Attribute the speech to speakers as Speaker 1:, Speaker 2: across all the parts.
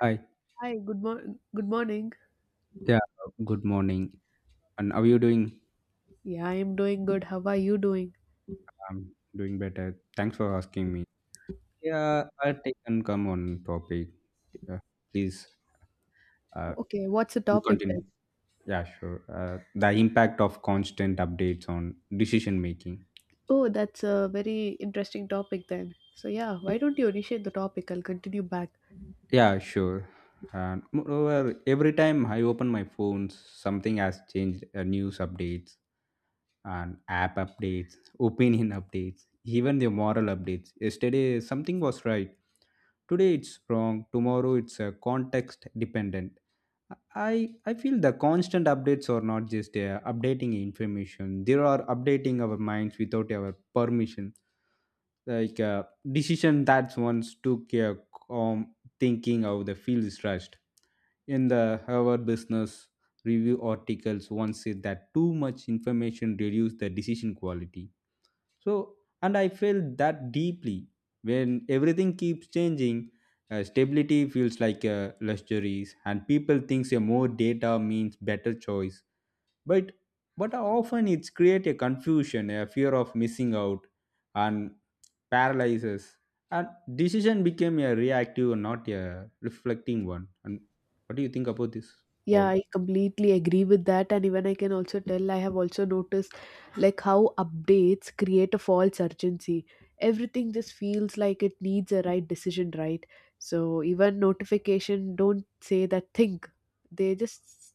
Speaker 1: Hi.
Speaker 2: Hi, good morning. Good morning.
Speaker 1: Yeah, good morning. And how are you doing?
Speaker 2: Yeah, I am doing good. How are you doing?
Speaker 1: I'm doing better. Thanks for asking me. Yeah, I'll take and come on topic. Uh, Please, uh,
Speaker 2: Okay, what's the
Speaker 1: you
Speaker 2: topic
Speaker 1: continue.
Speaker 2: then?
Speaker 1: Yeah, sure. The impact of constant updates on decision making.
Speaker 2: Oh, that's a very interesting topic then. So yeah, why don't you initiate the topic? I'll continue back.
Speaker 1: Yeah, sure. And moreover, every time I open my phones, something has changed. News updates and app updates, opinion updates, even the moral updates. Yesterday, something was right. Today it's wrong. Tomorrow it's context dependent. I i feel the constant updates are not just updating information. They are updating our minds without our permission. Like decision that once took a calm thinking of the field is rushed. In the Harvard Business Review articles once said that too much information reduces the decision quality. So, and I felt that deeply when everything keeps changing. Stability feels like a luxury, and people thinks a more data means better choice. But but often it's create a confusion, a fear of missing out, and paralyzes. And decision became a reactive, not a reflecting one. And what do you think about this?
Speaker 2: Yeah,
Speaker 1: All.
Speaker 2: I completely agree with that. And even I can also tell, I have also noticed like how updates create a false urgency. Everything just feels like it needs a right decision, right? So even notification don't say that think. They just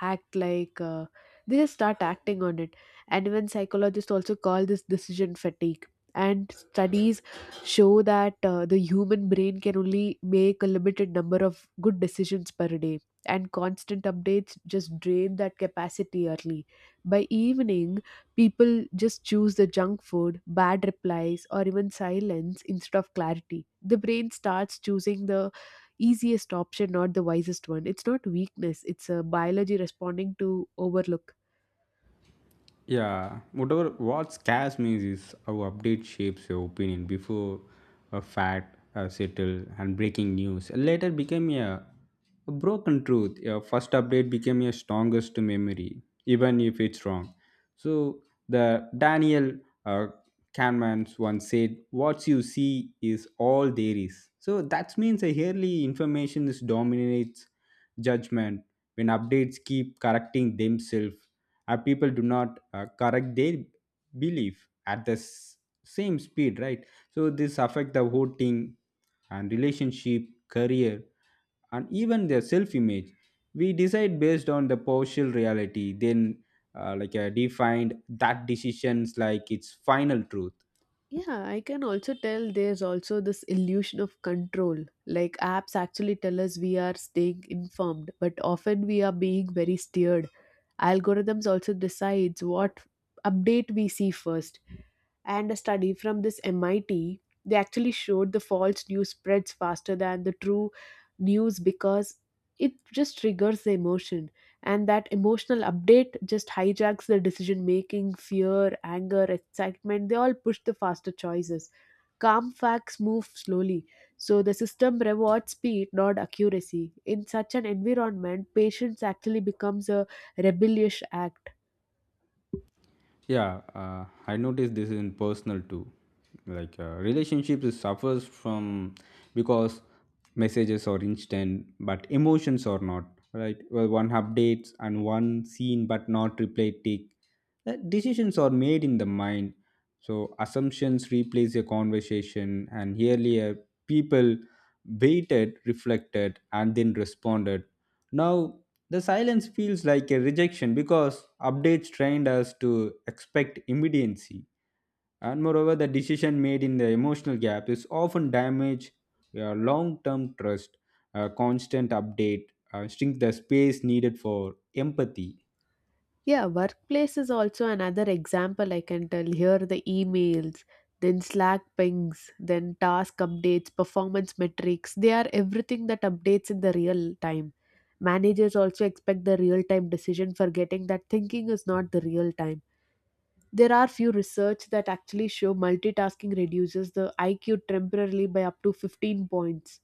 Speaker 2: act like they just start acting on it. And even psychologists also call this decision fatigue. And studies show that the human brain can only make a limited number of good decisions per day and constant updates just drain that capacity early. By evening, people just choose the junk food, bad replies, or even silence instead of clarity. The brain starts choosing the easiest option, not the wisest one. It's not weakness, it's a biology responding to overlook.
Speaker 1: Yeah, whatever what scares me is how update shapes your opinion before a fact settle, and breaking news later became a broken truth. Your first update became your strongest memory, even if it's wrong. So the Daniel uh, Kahneman once said, "What you see is all there is." So that means a yearly information is dominates judgment when updates keep correcting themselves. People do not correct their belief at the same speed, right? So this affect the voting and relationship, career, and even their self image. We decide based on the partial reality. Then like defined that decisions like its final truth.
Speaker 2: Yeah, I can also tell there's also this illusion of control. Like apps actually tell us we are staying informed, but often we are being very steered. Algorithms also decides what update we see first, and a study from this MIT, they actually showed the false news spreads faster than the true news because it just triggers the emotion, and that emotional update just hijacks the decision making, fear, anger, excitement, they all push the faster choices. Calm facts move slowly, so the system rewards speed, not accuracy. In such an environment, patience actually becomes a rebellious act.
Speaker 1: Yeah, I noticed this in personal too. Like relationships is suffers from because messages are instant, but emotions are not. Right? Well, one updates and one seen, but not replay tick. Decisions are made in the mind, so assumptions replace a conversation. And earlier, people waited, reflected, and then responded. Now the silence feels like a rejection because updates trained us to expect immediacy. And moreover, the decision made in the emotional gap is often damage your long term trust. A constant update shrink the space needed for empathy.
Speaker 2: Yeah, workplace is also another example I can tell. Here the emails, then Slack pings, then task updates, performance metrics. They are everything that updates in the real time. Managers also expect the real time decision, forgetting that thinking is not the real time. There are few research that actually show multitasking reduces the IQ temporarily by up to 15 points.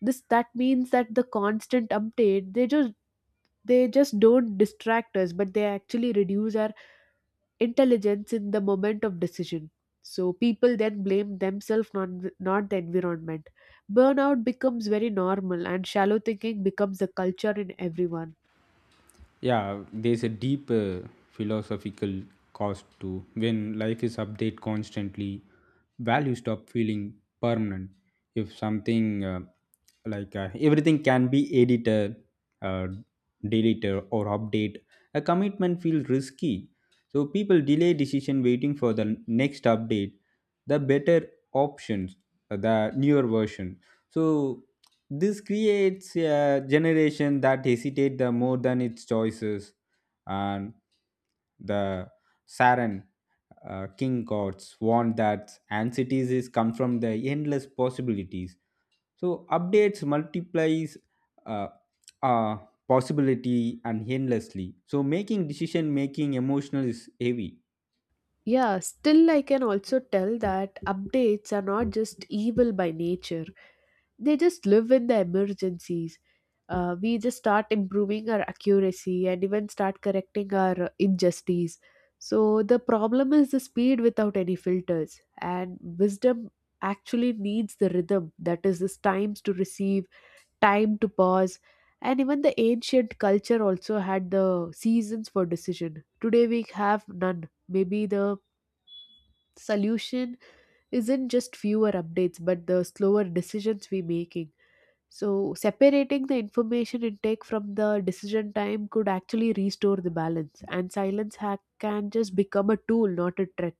Speaker 2: This that means that the constant update they just don't distract us, but they actually reduce our intelligence in the moment of decision. So people then blame themselves, not the environment. Burnout becomes very normal, and shallow thinking becomes the culture in everyone.
Speaker 1: Yeah, there's a deep philosophical cost to when life is updated constantly, values stop feeling permanent. If something like everything can be edited, uh, deleted, or update, a commitment feels risky. So people delay decision waiting for the next update, the better options, the newer version. So this creates a generation that hesitate the more than its choices, and the Saran King gods warn that anxieties is come from the endless possibilities. So updates multiplies uh, uh, possibility and endlessly. So making decision making emotional is heavy.
Speaker 2: Yeah, still, I can also tell that updates are not just evil by nature. They just live in the emergencies. We just start improving our accuracy and even start correcting our injustice. So the problem is the speed without any filters, and wisdom actually needs the rhythm, that is, this times to receive, time to pause, and even the ancient culture also had the seasons for decision. Today we have none. Maybe the solution isn't just fewer updates, but the slower decisions we making. So, separating the information intake from the decision time could actually restore the balance, and silence hack can just become a tool, not a threat.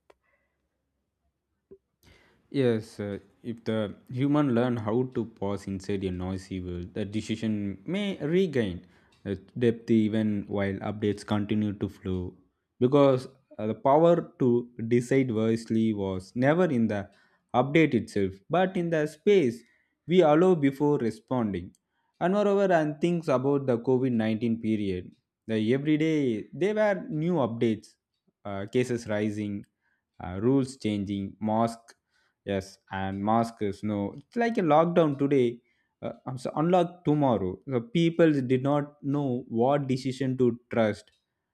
Speaker 1: Yes, if the human learn how to pause inside a noisy world, the decision may regain depth even while updates continue to flow. Because the power to decide wisely was never in the update itself, but in the space we allow before responding. And moreover, and things about the COVID-19 period, the every day there were new updates, cases rising, rules changing. Mask yes and mask is no. It's like a lockdown today, I'm so unlock tomorrow. The people did not know what decision to trust.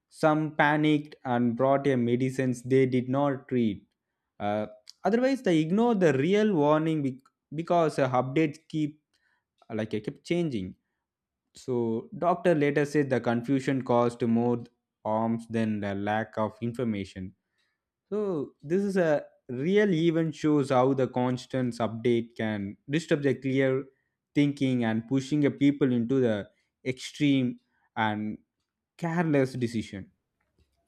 Speaker 1: Some panicked and brought a medicines they did not treat. uh, Otherwise they ignore the real warning because updates keep changing. So doctor later said the confusion caused more harms than the lack of information. So this is a real event shows how the constant update can disturb the clear thinking and pushing a people into the extreme and careless decision.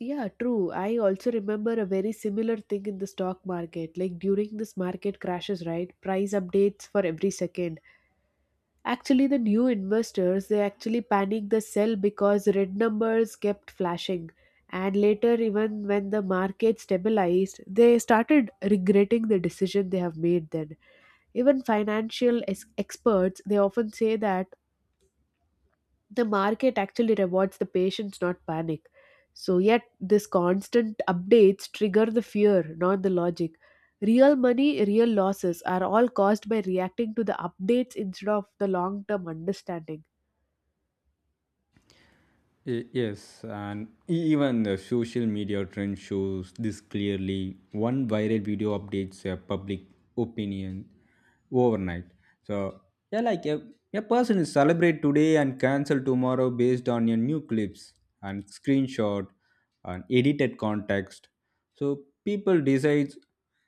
Speaker 2: Yeah, true. I also remember a very similar thing in the stock market. Like during this market crashes, right? Price updates for every second. Actually, the new investors they actually panicked the sell because red numbers kept flashing. And later, even when the market stabilized, they started regretting the decision they have made then. Even financial ex- experts they often say that the market actually rewards the patience, not panic. So yet this constant updates trigger the fear, not the logic. Real money, real losses are all caused by reacting to the updates instead of the long-term understanding.
Speaker 1: Yes, and even the social media trend shows this clearly. One viral video updates a public opinion overnight. So, yeah, like a person is celebrate today and cancel tomorrow based on your new clips and screenshot and edited context. So people decides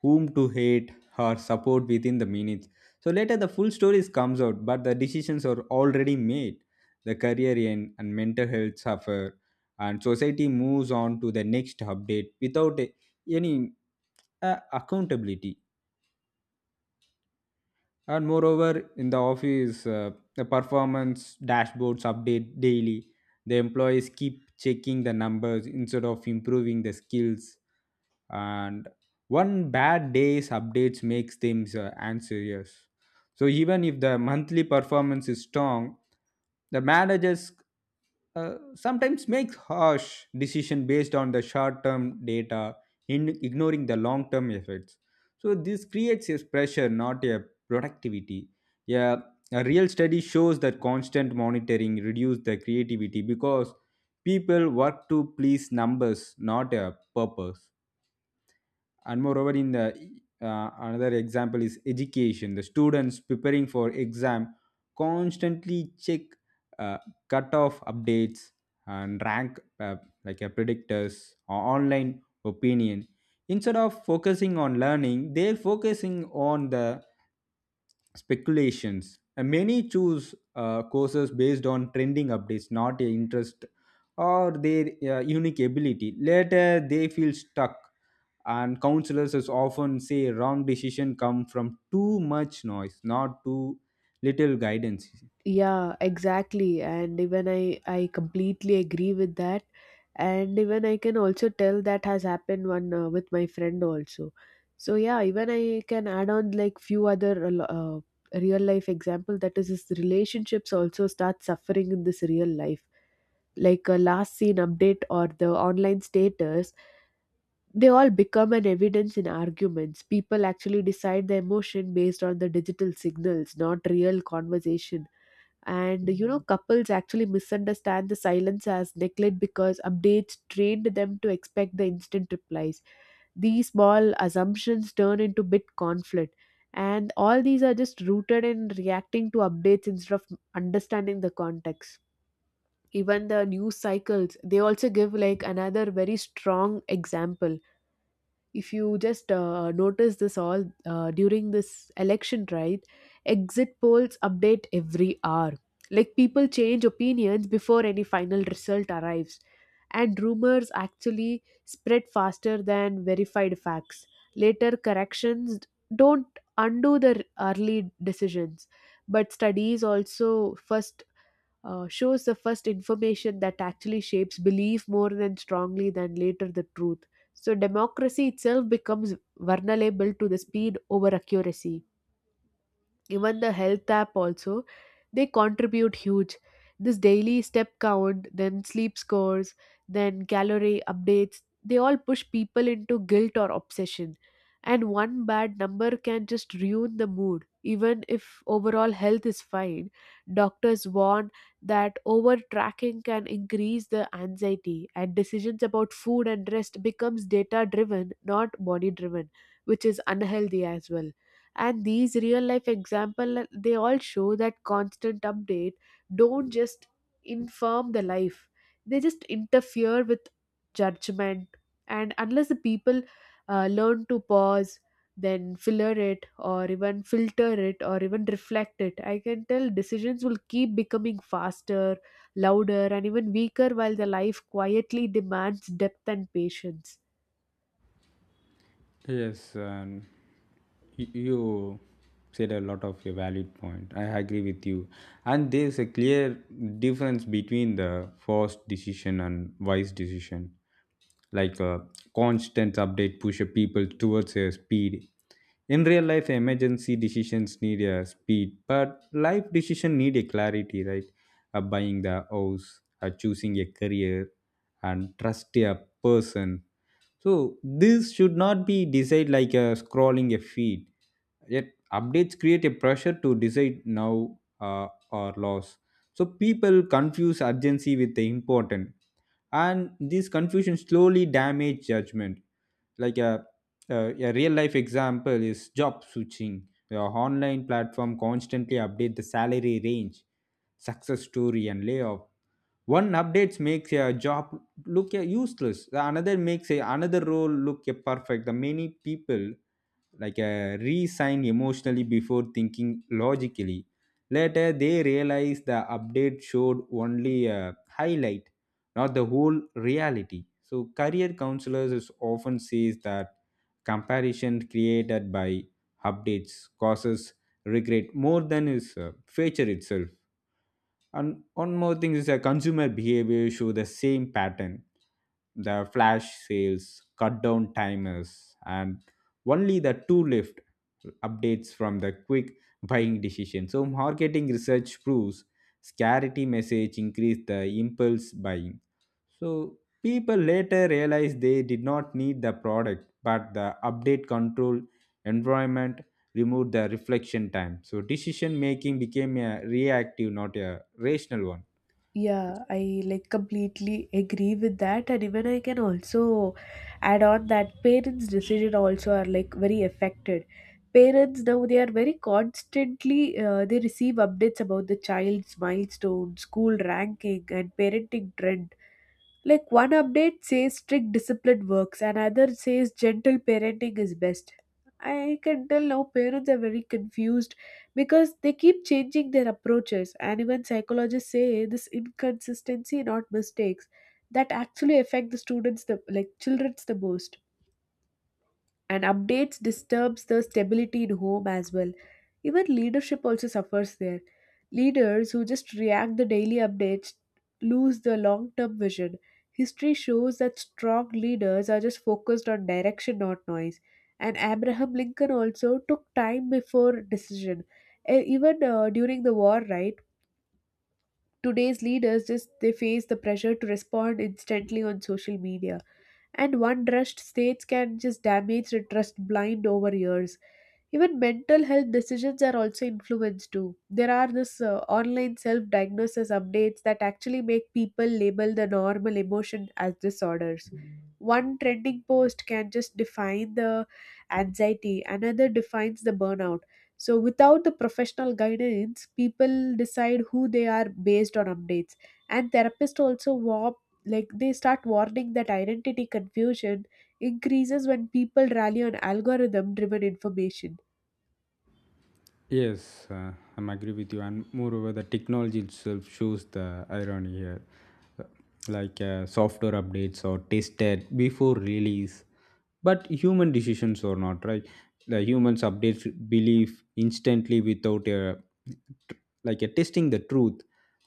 Speaker 1: whom to hate or support within the minutes. So later the full stories comes out, but the decisions are already made. The career end and mental health suffer, and society moves on to the next update without any accountability. And moreover, in the office, the performance dashboards update daily. The employees keep checking the numbers instead of improving the skills, and one bad day's updates makes them anxious. So even if the monthly performance is strong, the managers sometimes make harsh decision based on the short-term data, in ignoring the long-term effects. So this creates a pressure, not a productivity. Yeah, a real study shows that constant monitoring reduces the creativity because people work to please numbers, not a purpose. And moreover, in the another example is education. The students preparing for exam constantly check uh, cutoff updates and rank, like a predictors or online opinion. Instead of focusing on learning, they're focusing on the speculations. And many choose courses based on trending updates, not a interest or their unique ability. Later, they feel stuck, and counselors is often say wrong decision come from too much noise, not too little guidance.
Speaker 2: Yeah, exactly. And even I completely agree with that, and even I can also tell that has happened one with my friend also. So yeah, even I can add on like few other uh, real life example, that is, his relationships also start suffering in this real life, like a last seen update or the online status, they all become an evidence in arguments. People actually decide the emotion based on the digital signals, not real conversation. And you know couples actually misunderstand the silence as neglect because updates trained them to expect the instant replies. These small assumptions turn into big conflict, and all these are just rooted in reacting to updates instead of understanding the context. Even the news cycles they also give like another very strong example. If you just notice this all during this election, right? Exit polls update every hour. Like people change opinions before any final result arrives, and rumors actually spread faster than verified facts. Later corrections don't undo the early decisions, but studies also first shows the first information that actually shapes belief more than strongly than later the truth. So democracy itself becomes vulnerable to the speed over accuracy. Even the health app also, they contribute huge. This daily step count, then sleep scores, then calorie updates, they all push people into guilt or obsession, and one bad number can just ruin the mood even if overall health is fine. Doctors warn that over tracking can increase the anxiety, and decisions about food and rest becomes data driven, not body driven, which is unhealthy as well. And these real life example, they all show that constant update don't just inform the life, they just interfere with judgment. And unless the people learn to pause, then filter it, or even reflect it, I can tell decisions will keep becoming faster, louder, and even weaker, while the life quietly demands depth and patience.
Speaker 1: Yes, and you said a lot of a valid point. I agree with you. And there's a clear difference between the forced decision and wise decision. Like a constant update pushes people towards a speed. In real life, emergency decisions need a speed, but life decision need a clarity, right? Buying the house, choosing a career, and trust a person, so this should not be decided like a scrolling a feed. Yet updates create a pressure to decide now, or loss. So people confuse urgency with the important, and this confusion slowly damage judgment. Like a real life example is job switching. Your online platform constantly update the salary range, success story, and layoff. One updates makes a job look useless. The another makes another role look perfect. The many people like a re-sign emotionally before thinking logically. Later, they realized the update showed only a highlight, not the whole reality. So, career counselors is often says that comparison created by updates causes regret more than is feature itself. And one more thing is a consumer behavior show the same pattern. The flash sales, cut down timers, and only the two lift updates from the quick buying decision. So marketing research proves scarcity message increased the impulse buying. So people later realized they did not need the product, but the update control environment remove the reflection time. So decision making became a reactive, not a rational one.
Speaker 2: Yeah, I like completely agree with that, and even I can also add on that parents' decision also are like very affected. Parents now they are very constantly they receive updates about the child's milestone, school ranking, and parenting trends. Like one update says strict discipline works, and another says gentle parenting is best. I can tell now parents are very confused because they keep changing their approaches, and even psychologists say this inconsistency, not mistakes, that actually affect the students, the like childrens, the most, and updates disturbs the stability in home as well. Even leadership also suffers there. Leaders who just react the daily updates lose the long term vision. History shows that strong leaders are just focused on direction, not noise, and Abraham Lincoln also took time before decision. E- even during the war, right? Today's leaders just they face the pressure to respond instantly on social media, and one rushed states can just damage the trust blind over years. Even mental health decisions are also influenced too. There are this online self diagnosis updates that actually make people label the normal emotion as disorders. One trending post can just define the anxiety, another defines the burnout. So without the professional guidance, people decide who they are based on updates, and therapists also warp, like they start warning that identity confusion increases when people rally on algorithm driven information.
Speaker 1: Yes, I'm agree with you. And moreover, the technology itself shows the irony here, like software updates or tested before release, but human decisions or not, right? The humans update belief instantly without a, like a, testing the truth.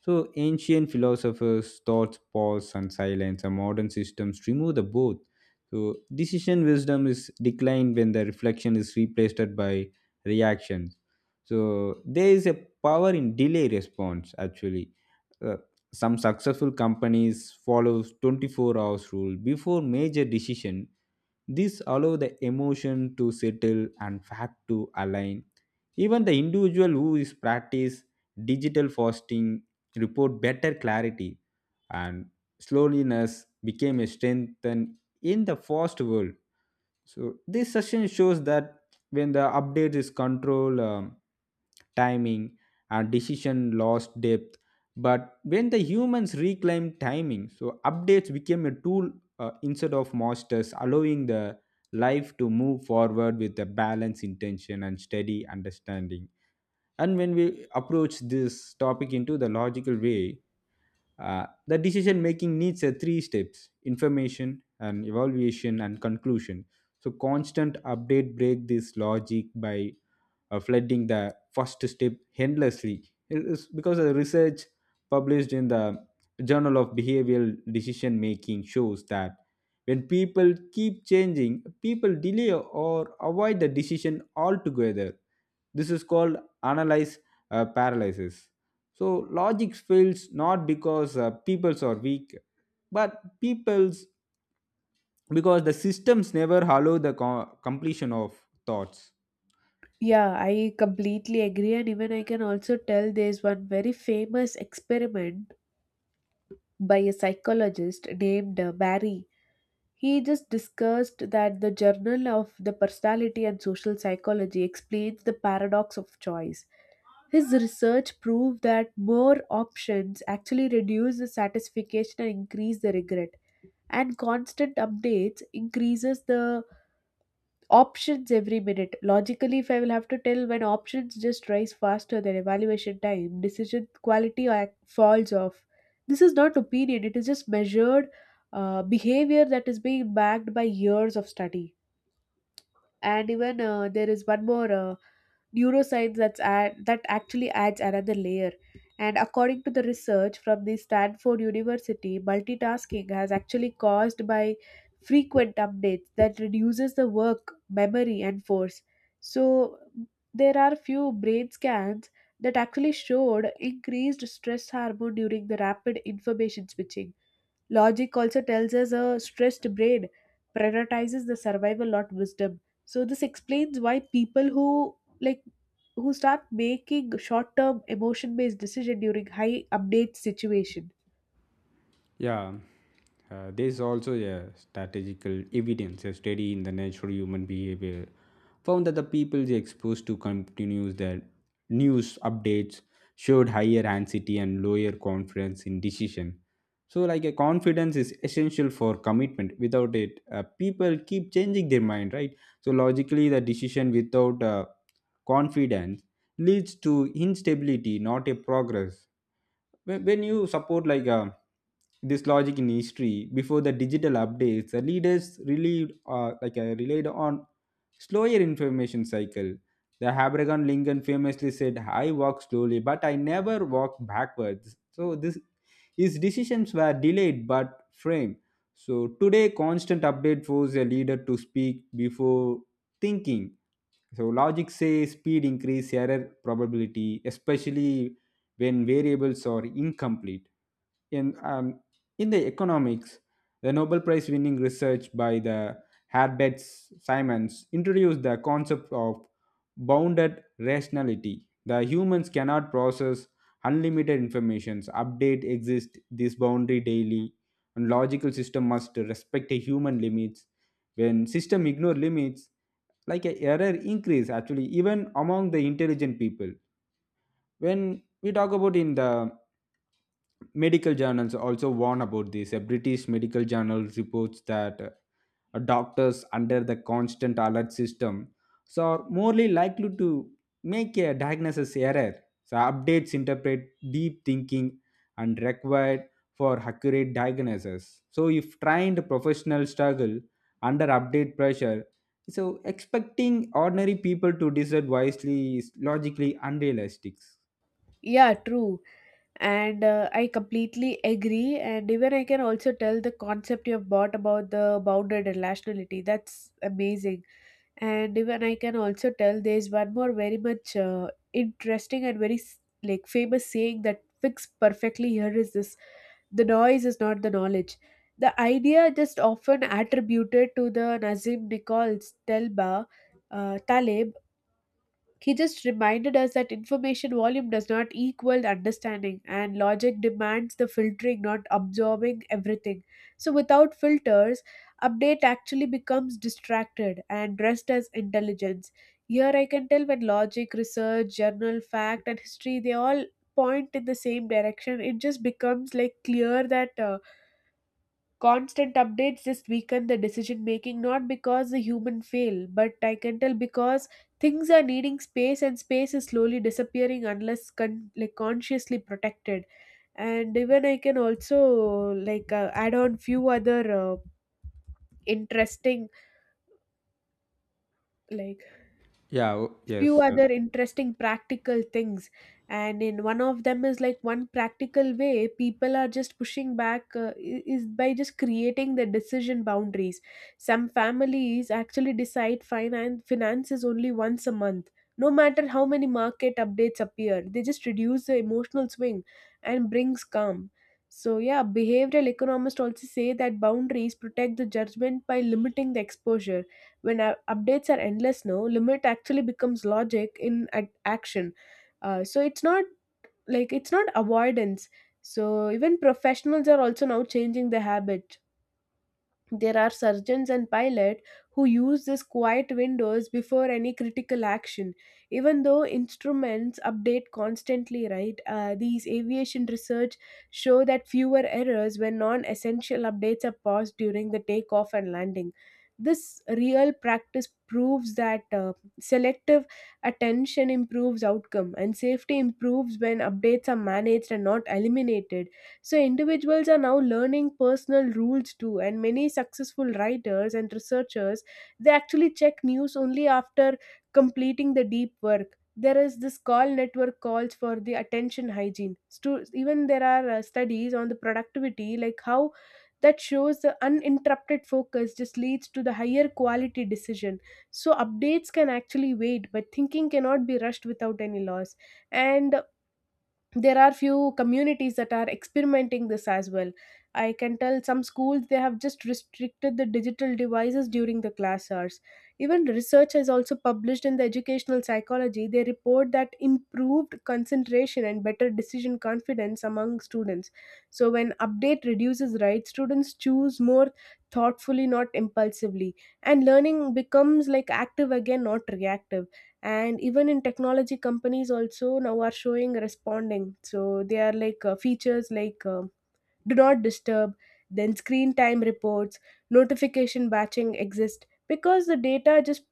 Speaker 1: So ancient philosophers thoughts pause and silence, and modern systems remove the both. So decision wisdom is declined when the reflection is replaced by reaction. So there is a power in delay response actually. Uh, some successful companies follow 24 hours rule before major decision. This allow the emotion to settle and fact to align. Even the individual who is practice digital fasting report better clarity, and slowness became a strength in the fast world. So this session shows that when the update is control timing and decision loss depth, but when the humans reclaim timing, so updates became a tool instead of masters, allowing the life to move forward with a balanced intention and steady understanding. And when we approach this topic into the logical way, the decision making needs a three steps: information and evaluation and conclusion. So constant update break this logic by flooding the first step endlessly. It is because the research published in the Journal of Behavioral Decision Making shows that when people keep changing, people delay or avoid the decision altogether. This is called analyze paralysis. So logic fails not because peoples are weak, but peoples because the systems never allow the completion of thoughts.
Speaker 2: Yeah, I completely agree, and even I can also tell there's one very famous experiment by a psychologist named Barry. He just discussed that the Journal of the Personality and Social Psychology explains the paradox of choice. His research proved that more options actually reduce the satisfaction and increase the regret, and constant updates increases the options every minute. Logically, if I will have to tell, when options just rise faster than evaluation time, decision quality ac- falls off. This is not opinion, it is just measured behavior that is being backed by years of study. And even there is one more. Neuroscience that actually adds another layer. And according to the research from the Stanford University, multitasking has actually caused by frequent updates that reduces the work, memory, and force. So there are few brain scans that actually showed increased stress hormone during the rapid information switching. Logic also tells us a stressed brain prioritizes the survival, not wisdom. So this explains why people who start making short-term emotion-based decision during high update situation.
Speaker 1: Yeah, there is also a statistical evidence. A study in the natural human behavior found that the people is exposed to continuous their news updates showed higher anxiety and lower confidence in decision. So, like a confidence is essential for commitment. Without it, people keep changing their mind, right? So logically, the decision without confidence leads to instability, not a progress. When you support like this logic in history before the digital updates, the leaders relied relied on slower information cycle. The Abraham Lincoln famously said, "I walk slowly, but I never walk backwards." So this his decisions were delayed but framed. So today, constant update forces a leader to speak before thinking so logic says speed increase error probability, especially when variables are incomplete in um, in the economics, the Nobel Prize winning research by the Herbert Simons introduced the concept of bounded rationality. The humans cannot process unlimited informations, update exist this boundary daily, and logical system must respect a human limits. When system ignore limits, like a error increase actually even among the intelligent people. When we talk about in the Medical journals also warn about this. A British medical journal reports that doctors under the constant alert system so are morely likely to make a diagnosis error. So updates interpret deep thinking and required for accurate diagnosis. So if trained professionals struggle under update pressure, so expecting ordinary people to decide wisely is logically unrealistic.
Speaker 2: Yeah, true. And I completely agree. And even I can also tell the concept you've brought about the bounded rationality. That's amazing. And even I can also tell there's one more very much interesting and very s- like famous saying that fits perfectly here is this, the noise is not the knowledge. The idea just often attributed to the Nazim Nichols Telba, Taleb. He just reminded us that information volume does not equal understanding, and logic demands the filtering, not absorbing everything. So, without filters, update actually becomes distracted and dressed as intelligence. Here, I can tell when logic, research, journal, fact, and history they all point in the same direction, it just becomes like clear that. Constant updates just weaken the decision making, not because the human fail, but I can tell because things are needing space, and space is slowly disappearing unless like consciously protected. And even I can also like add on few other uh, interesting like
Speaker 1: Yeah,
Speaker 2: few
Speaker 1: yes.
Speaker 2: other interesting practical things. And in one of them is like one practical way people are just pushing back is by just creating the decision boundaries. Some families actually decide finances only once a month. No matter how many market updates appear, they just reduce the emotional swing and brings calm. So yeah, behavioral economists also say that boundaries protect the judgment by limiting the exposure. When updates are endless now, limit actually becomes logic in action. So it's not like it's not avoidance. So even professionals are also now changing the habit. There are surgeons and pilots who use these quiet windows before any critical action, even though instruments update constantly, right? These aviation research show that fewer errors when non-essential updates are paused during the takeoff and landing. This real practice proves that selective attention improves outcome, and safety improves when updates are managed and not eliminated. So individuals are now learning personal rules too, and many successful writers and researchers, they actually check news only after completing the deep work. There is this call network calls for the attention hygiene. Even there are studies on the productivity, like how that shows the uninterrupted focus just leads to the higher quality decision. So updates can actually wait, but thinking cannot be rushed without any loss. And there are few communities that are experimenting this as well. I can tell some schools, they have just restricted the digital devices during the class hours. Even research has also published in the educational psychology, they report that improved concentration and better decision confidence among students. So when update reduces, right, students choose more thoughtfully, not impulsively, and learning becomes like active again, not reactive. And even in technology companies also now are showing responding, so they are like features like do not disturb, then screen time reports, notification batching exist, because the data just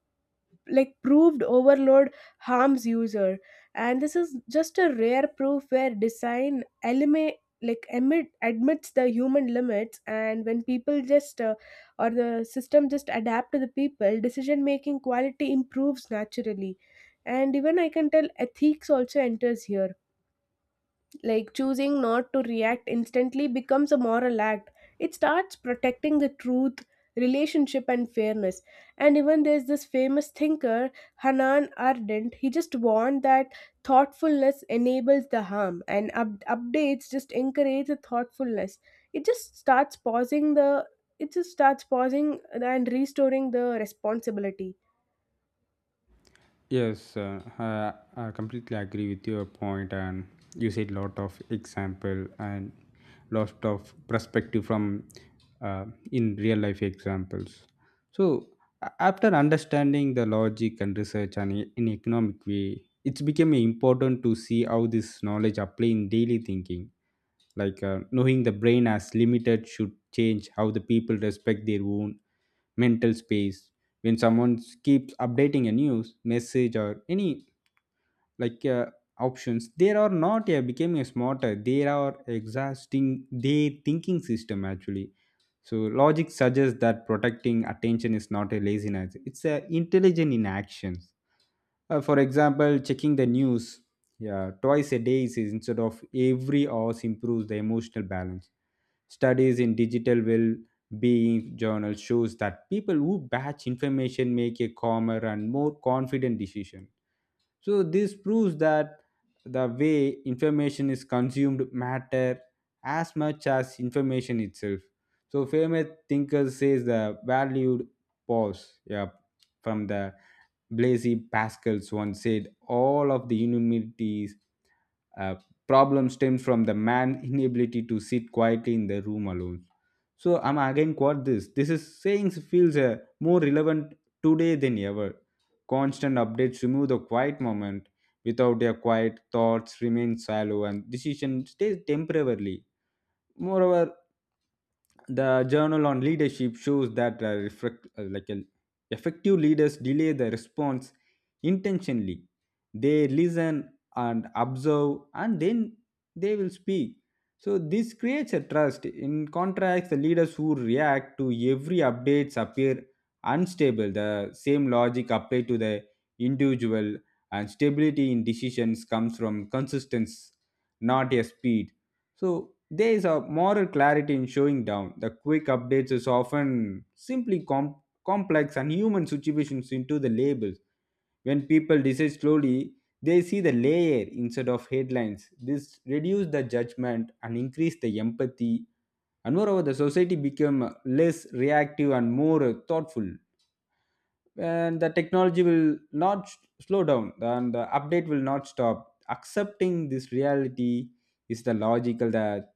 Speaker 2: like proved overload harms user. And this is just a rare proof where design eliminate, like admits the human limits, and when people just or the system just adapt to the people, decision making quality improves naturally. And even I can tell ethics also enters here, like choosing not to react instantly becomes a moral act. It starts protecting the truth, relationship and fairness. And even there's this famous thinker, Hanan Ardent, he just warned that thoughtfulness enables the harm, and updates just encourage the thoughtfulness. it just starts pausing the it just starts pausing and restoring the responsibility.
Speaker 1: Yes, I completely agree with your point, and you said lot of example and lot of perspective from uh, in real life examples. So after understanding the logic and research and in economic way, it's became important to see how this knowledge apply in daily thinking. Like knowing the brain as limited should change how the people respect their own mental space when someone keeps updating a news message or any like uh, options they are not becoming a smarter they are exhausting their thinking system actually so logic suggests that protecting attention is not a laziness it's a intelligent in actions. For example checking the news, yeah, twice a day is instead of every hours improves the emotional balance. Studies in digital well-being journal shows that people who batch information make a calmer and more confident decision. So this proves that the way information is consumed matter as much as information itself. So famous thinker says the valued pause. Yeah, from the Blaise Pascals once said, all of the humanities uh, problem stems from the man's inability to sit quietly in the room alone. So I'm again quote this. This is saying feels more relevant today than ever. Constant updates remove the quiet moment. Without their quiet, thoughts remain shallow and decision stays temporarily. Moreover, the journal on leadership shows that reflect, like effective leaders delay the response intentionally. They listen and observe, and then they will speak. So this creates a trust. In contrast, the leaders who react to every updates appear unstable. The same logic applied to the individual, and stability in decisions comes from consistency, not a speed. So there is a moral clarity in showing down. The quick updates is often simply complex and human situations into the labels. When people decide slowly, they see the layer instead of headlines. This reduce the judgment and increase the empathy. And moreover, the society become less reactive and more thoughtful. And the technology will not slow down, and the update will not stop. Accepting this reality is the logical that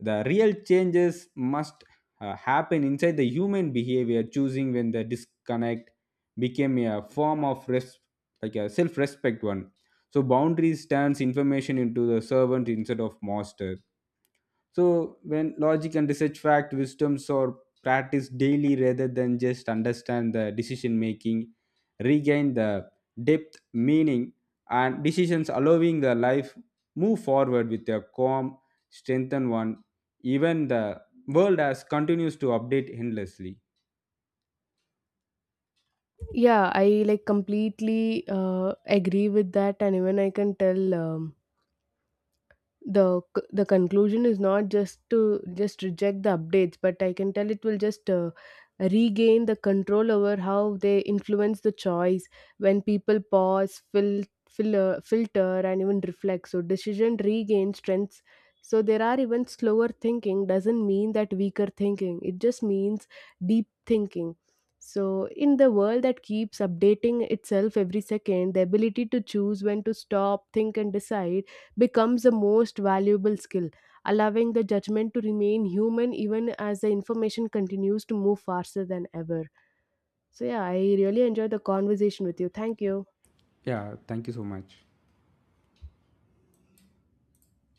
Speaker 1: the real changes must happen inside the human behavior, choosing when the disconnect became a form of a self-respect one. So boundaries turns information into the servant instead of master. So when logic and research fact wisdoms are practiced daily rather than just understand the decision making, regain the depth, meaning, and decisions allowing the life move forward with a calm, strengthened one. Even the world as continues to update endlessly.
Speaker 2: Yeah, I like completely uh, agree with that. And even I can tell the conclusion is not just to just reject the updates, but I can tell it will just regain the control over how they influence the choice. When people pause, fill filter and even reflect, so decision regain strengths. So there are even slower thinking doesn't mean that weaker thinking, it just means deep thinking. So in the world that keeps updating itself every second, the ability to choose when to stop, think and decide becomes the most valuable skill, allowing the judgment to remain human even as the information continues to move faster than ever. So yeah, I really enjoyed the conversation with you. Thank you.
Speaker 1: Yeah, thank you so much.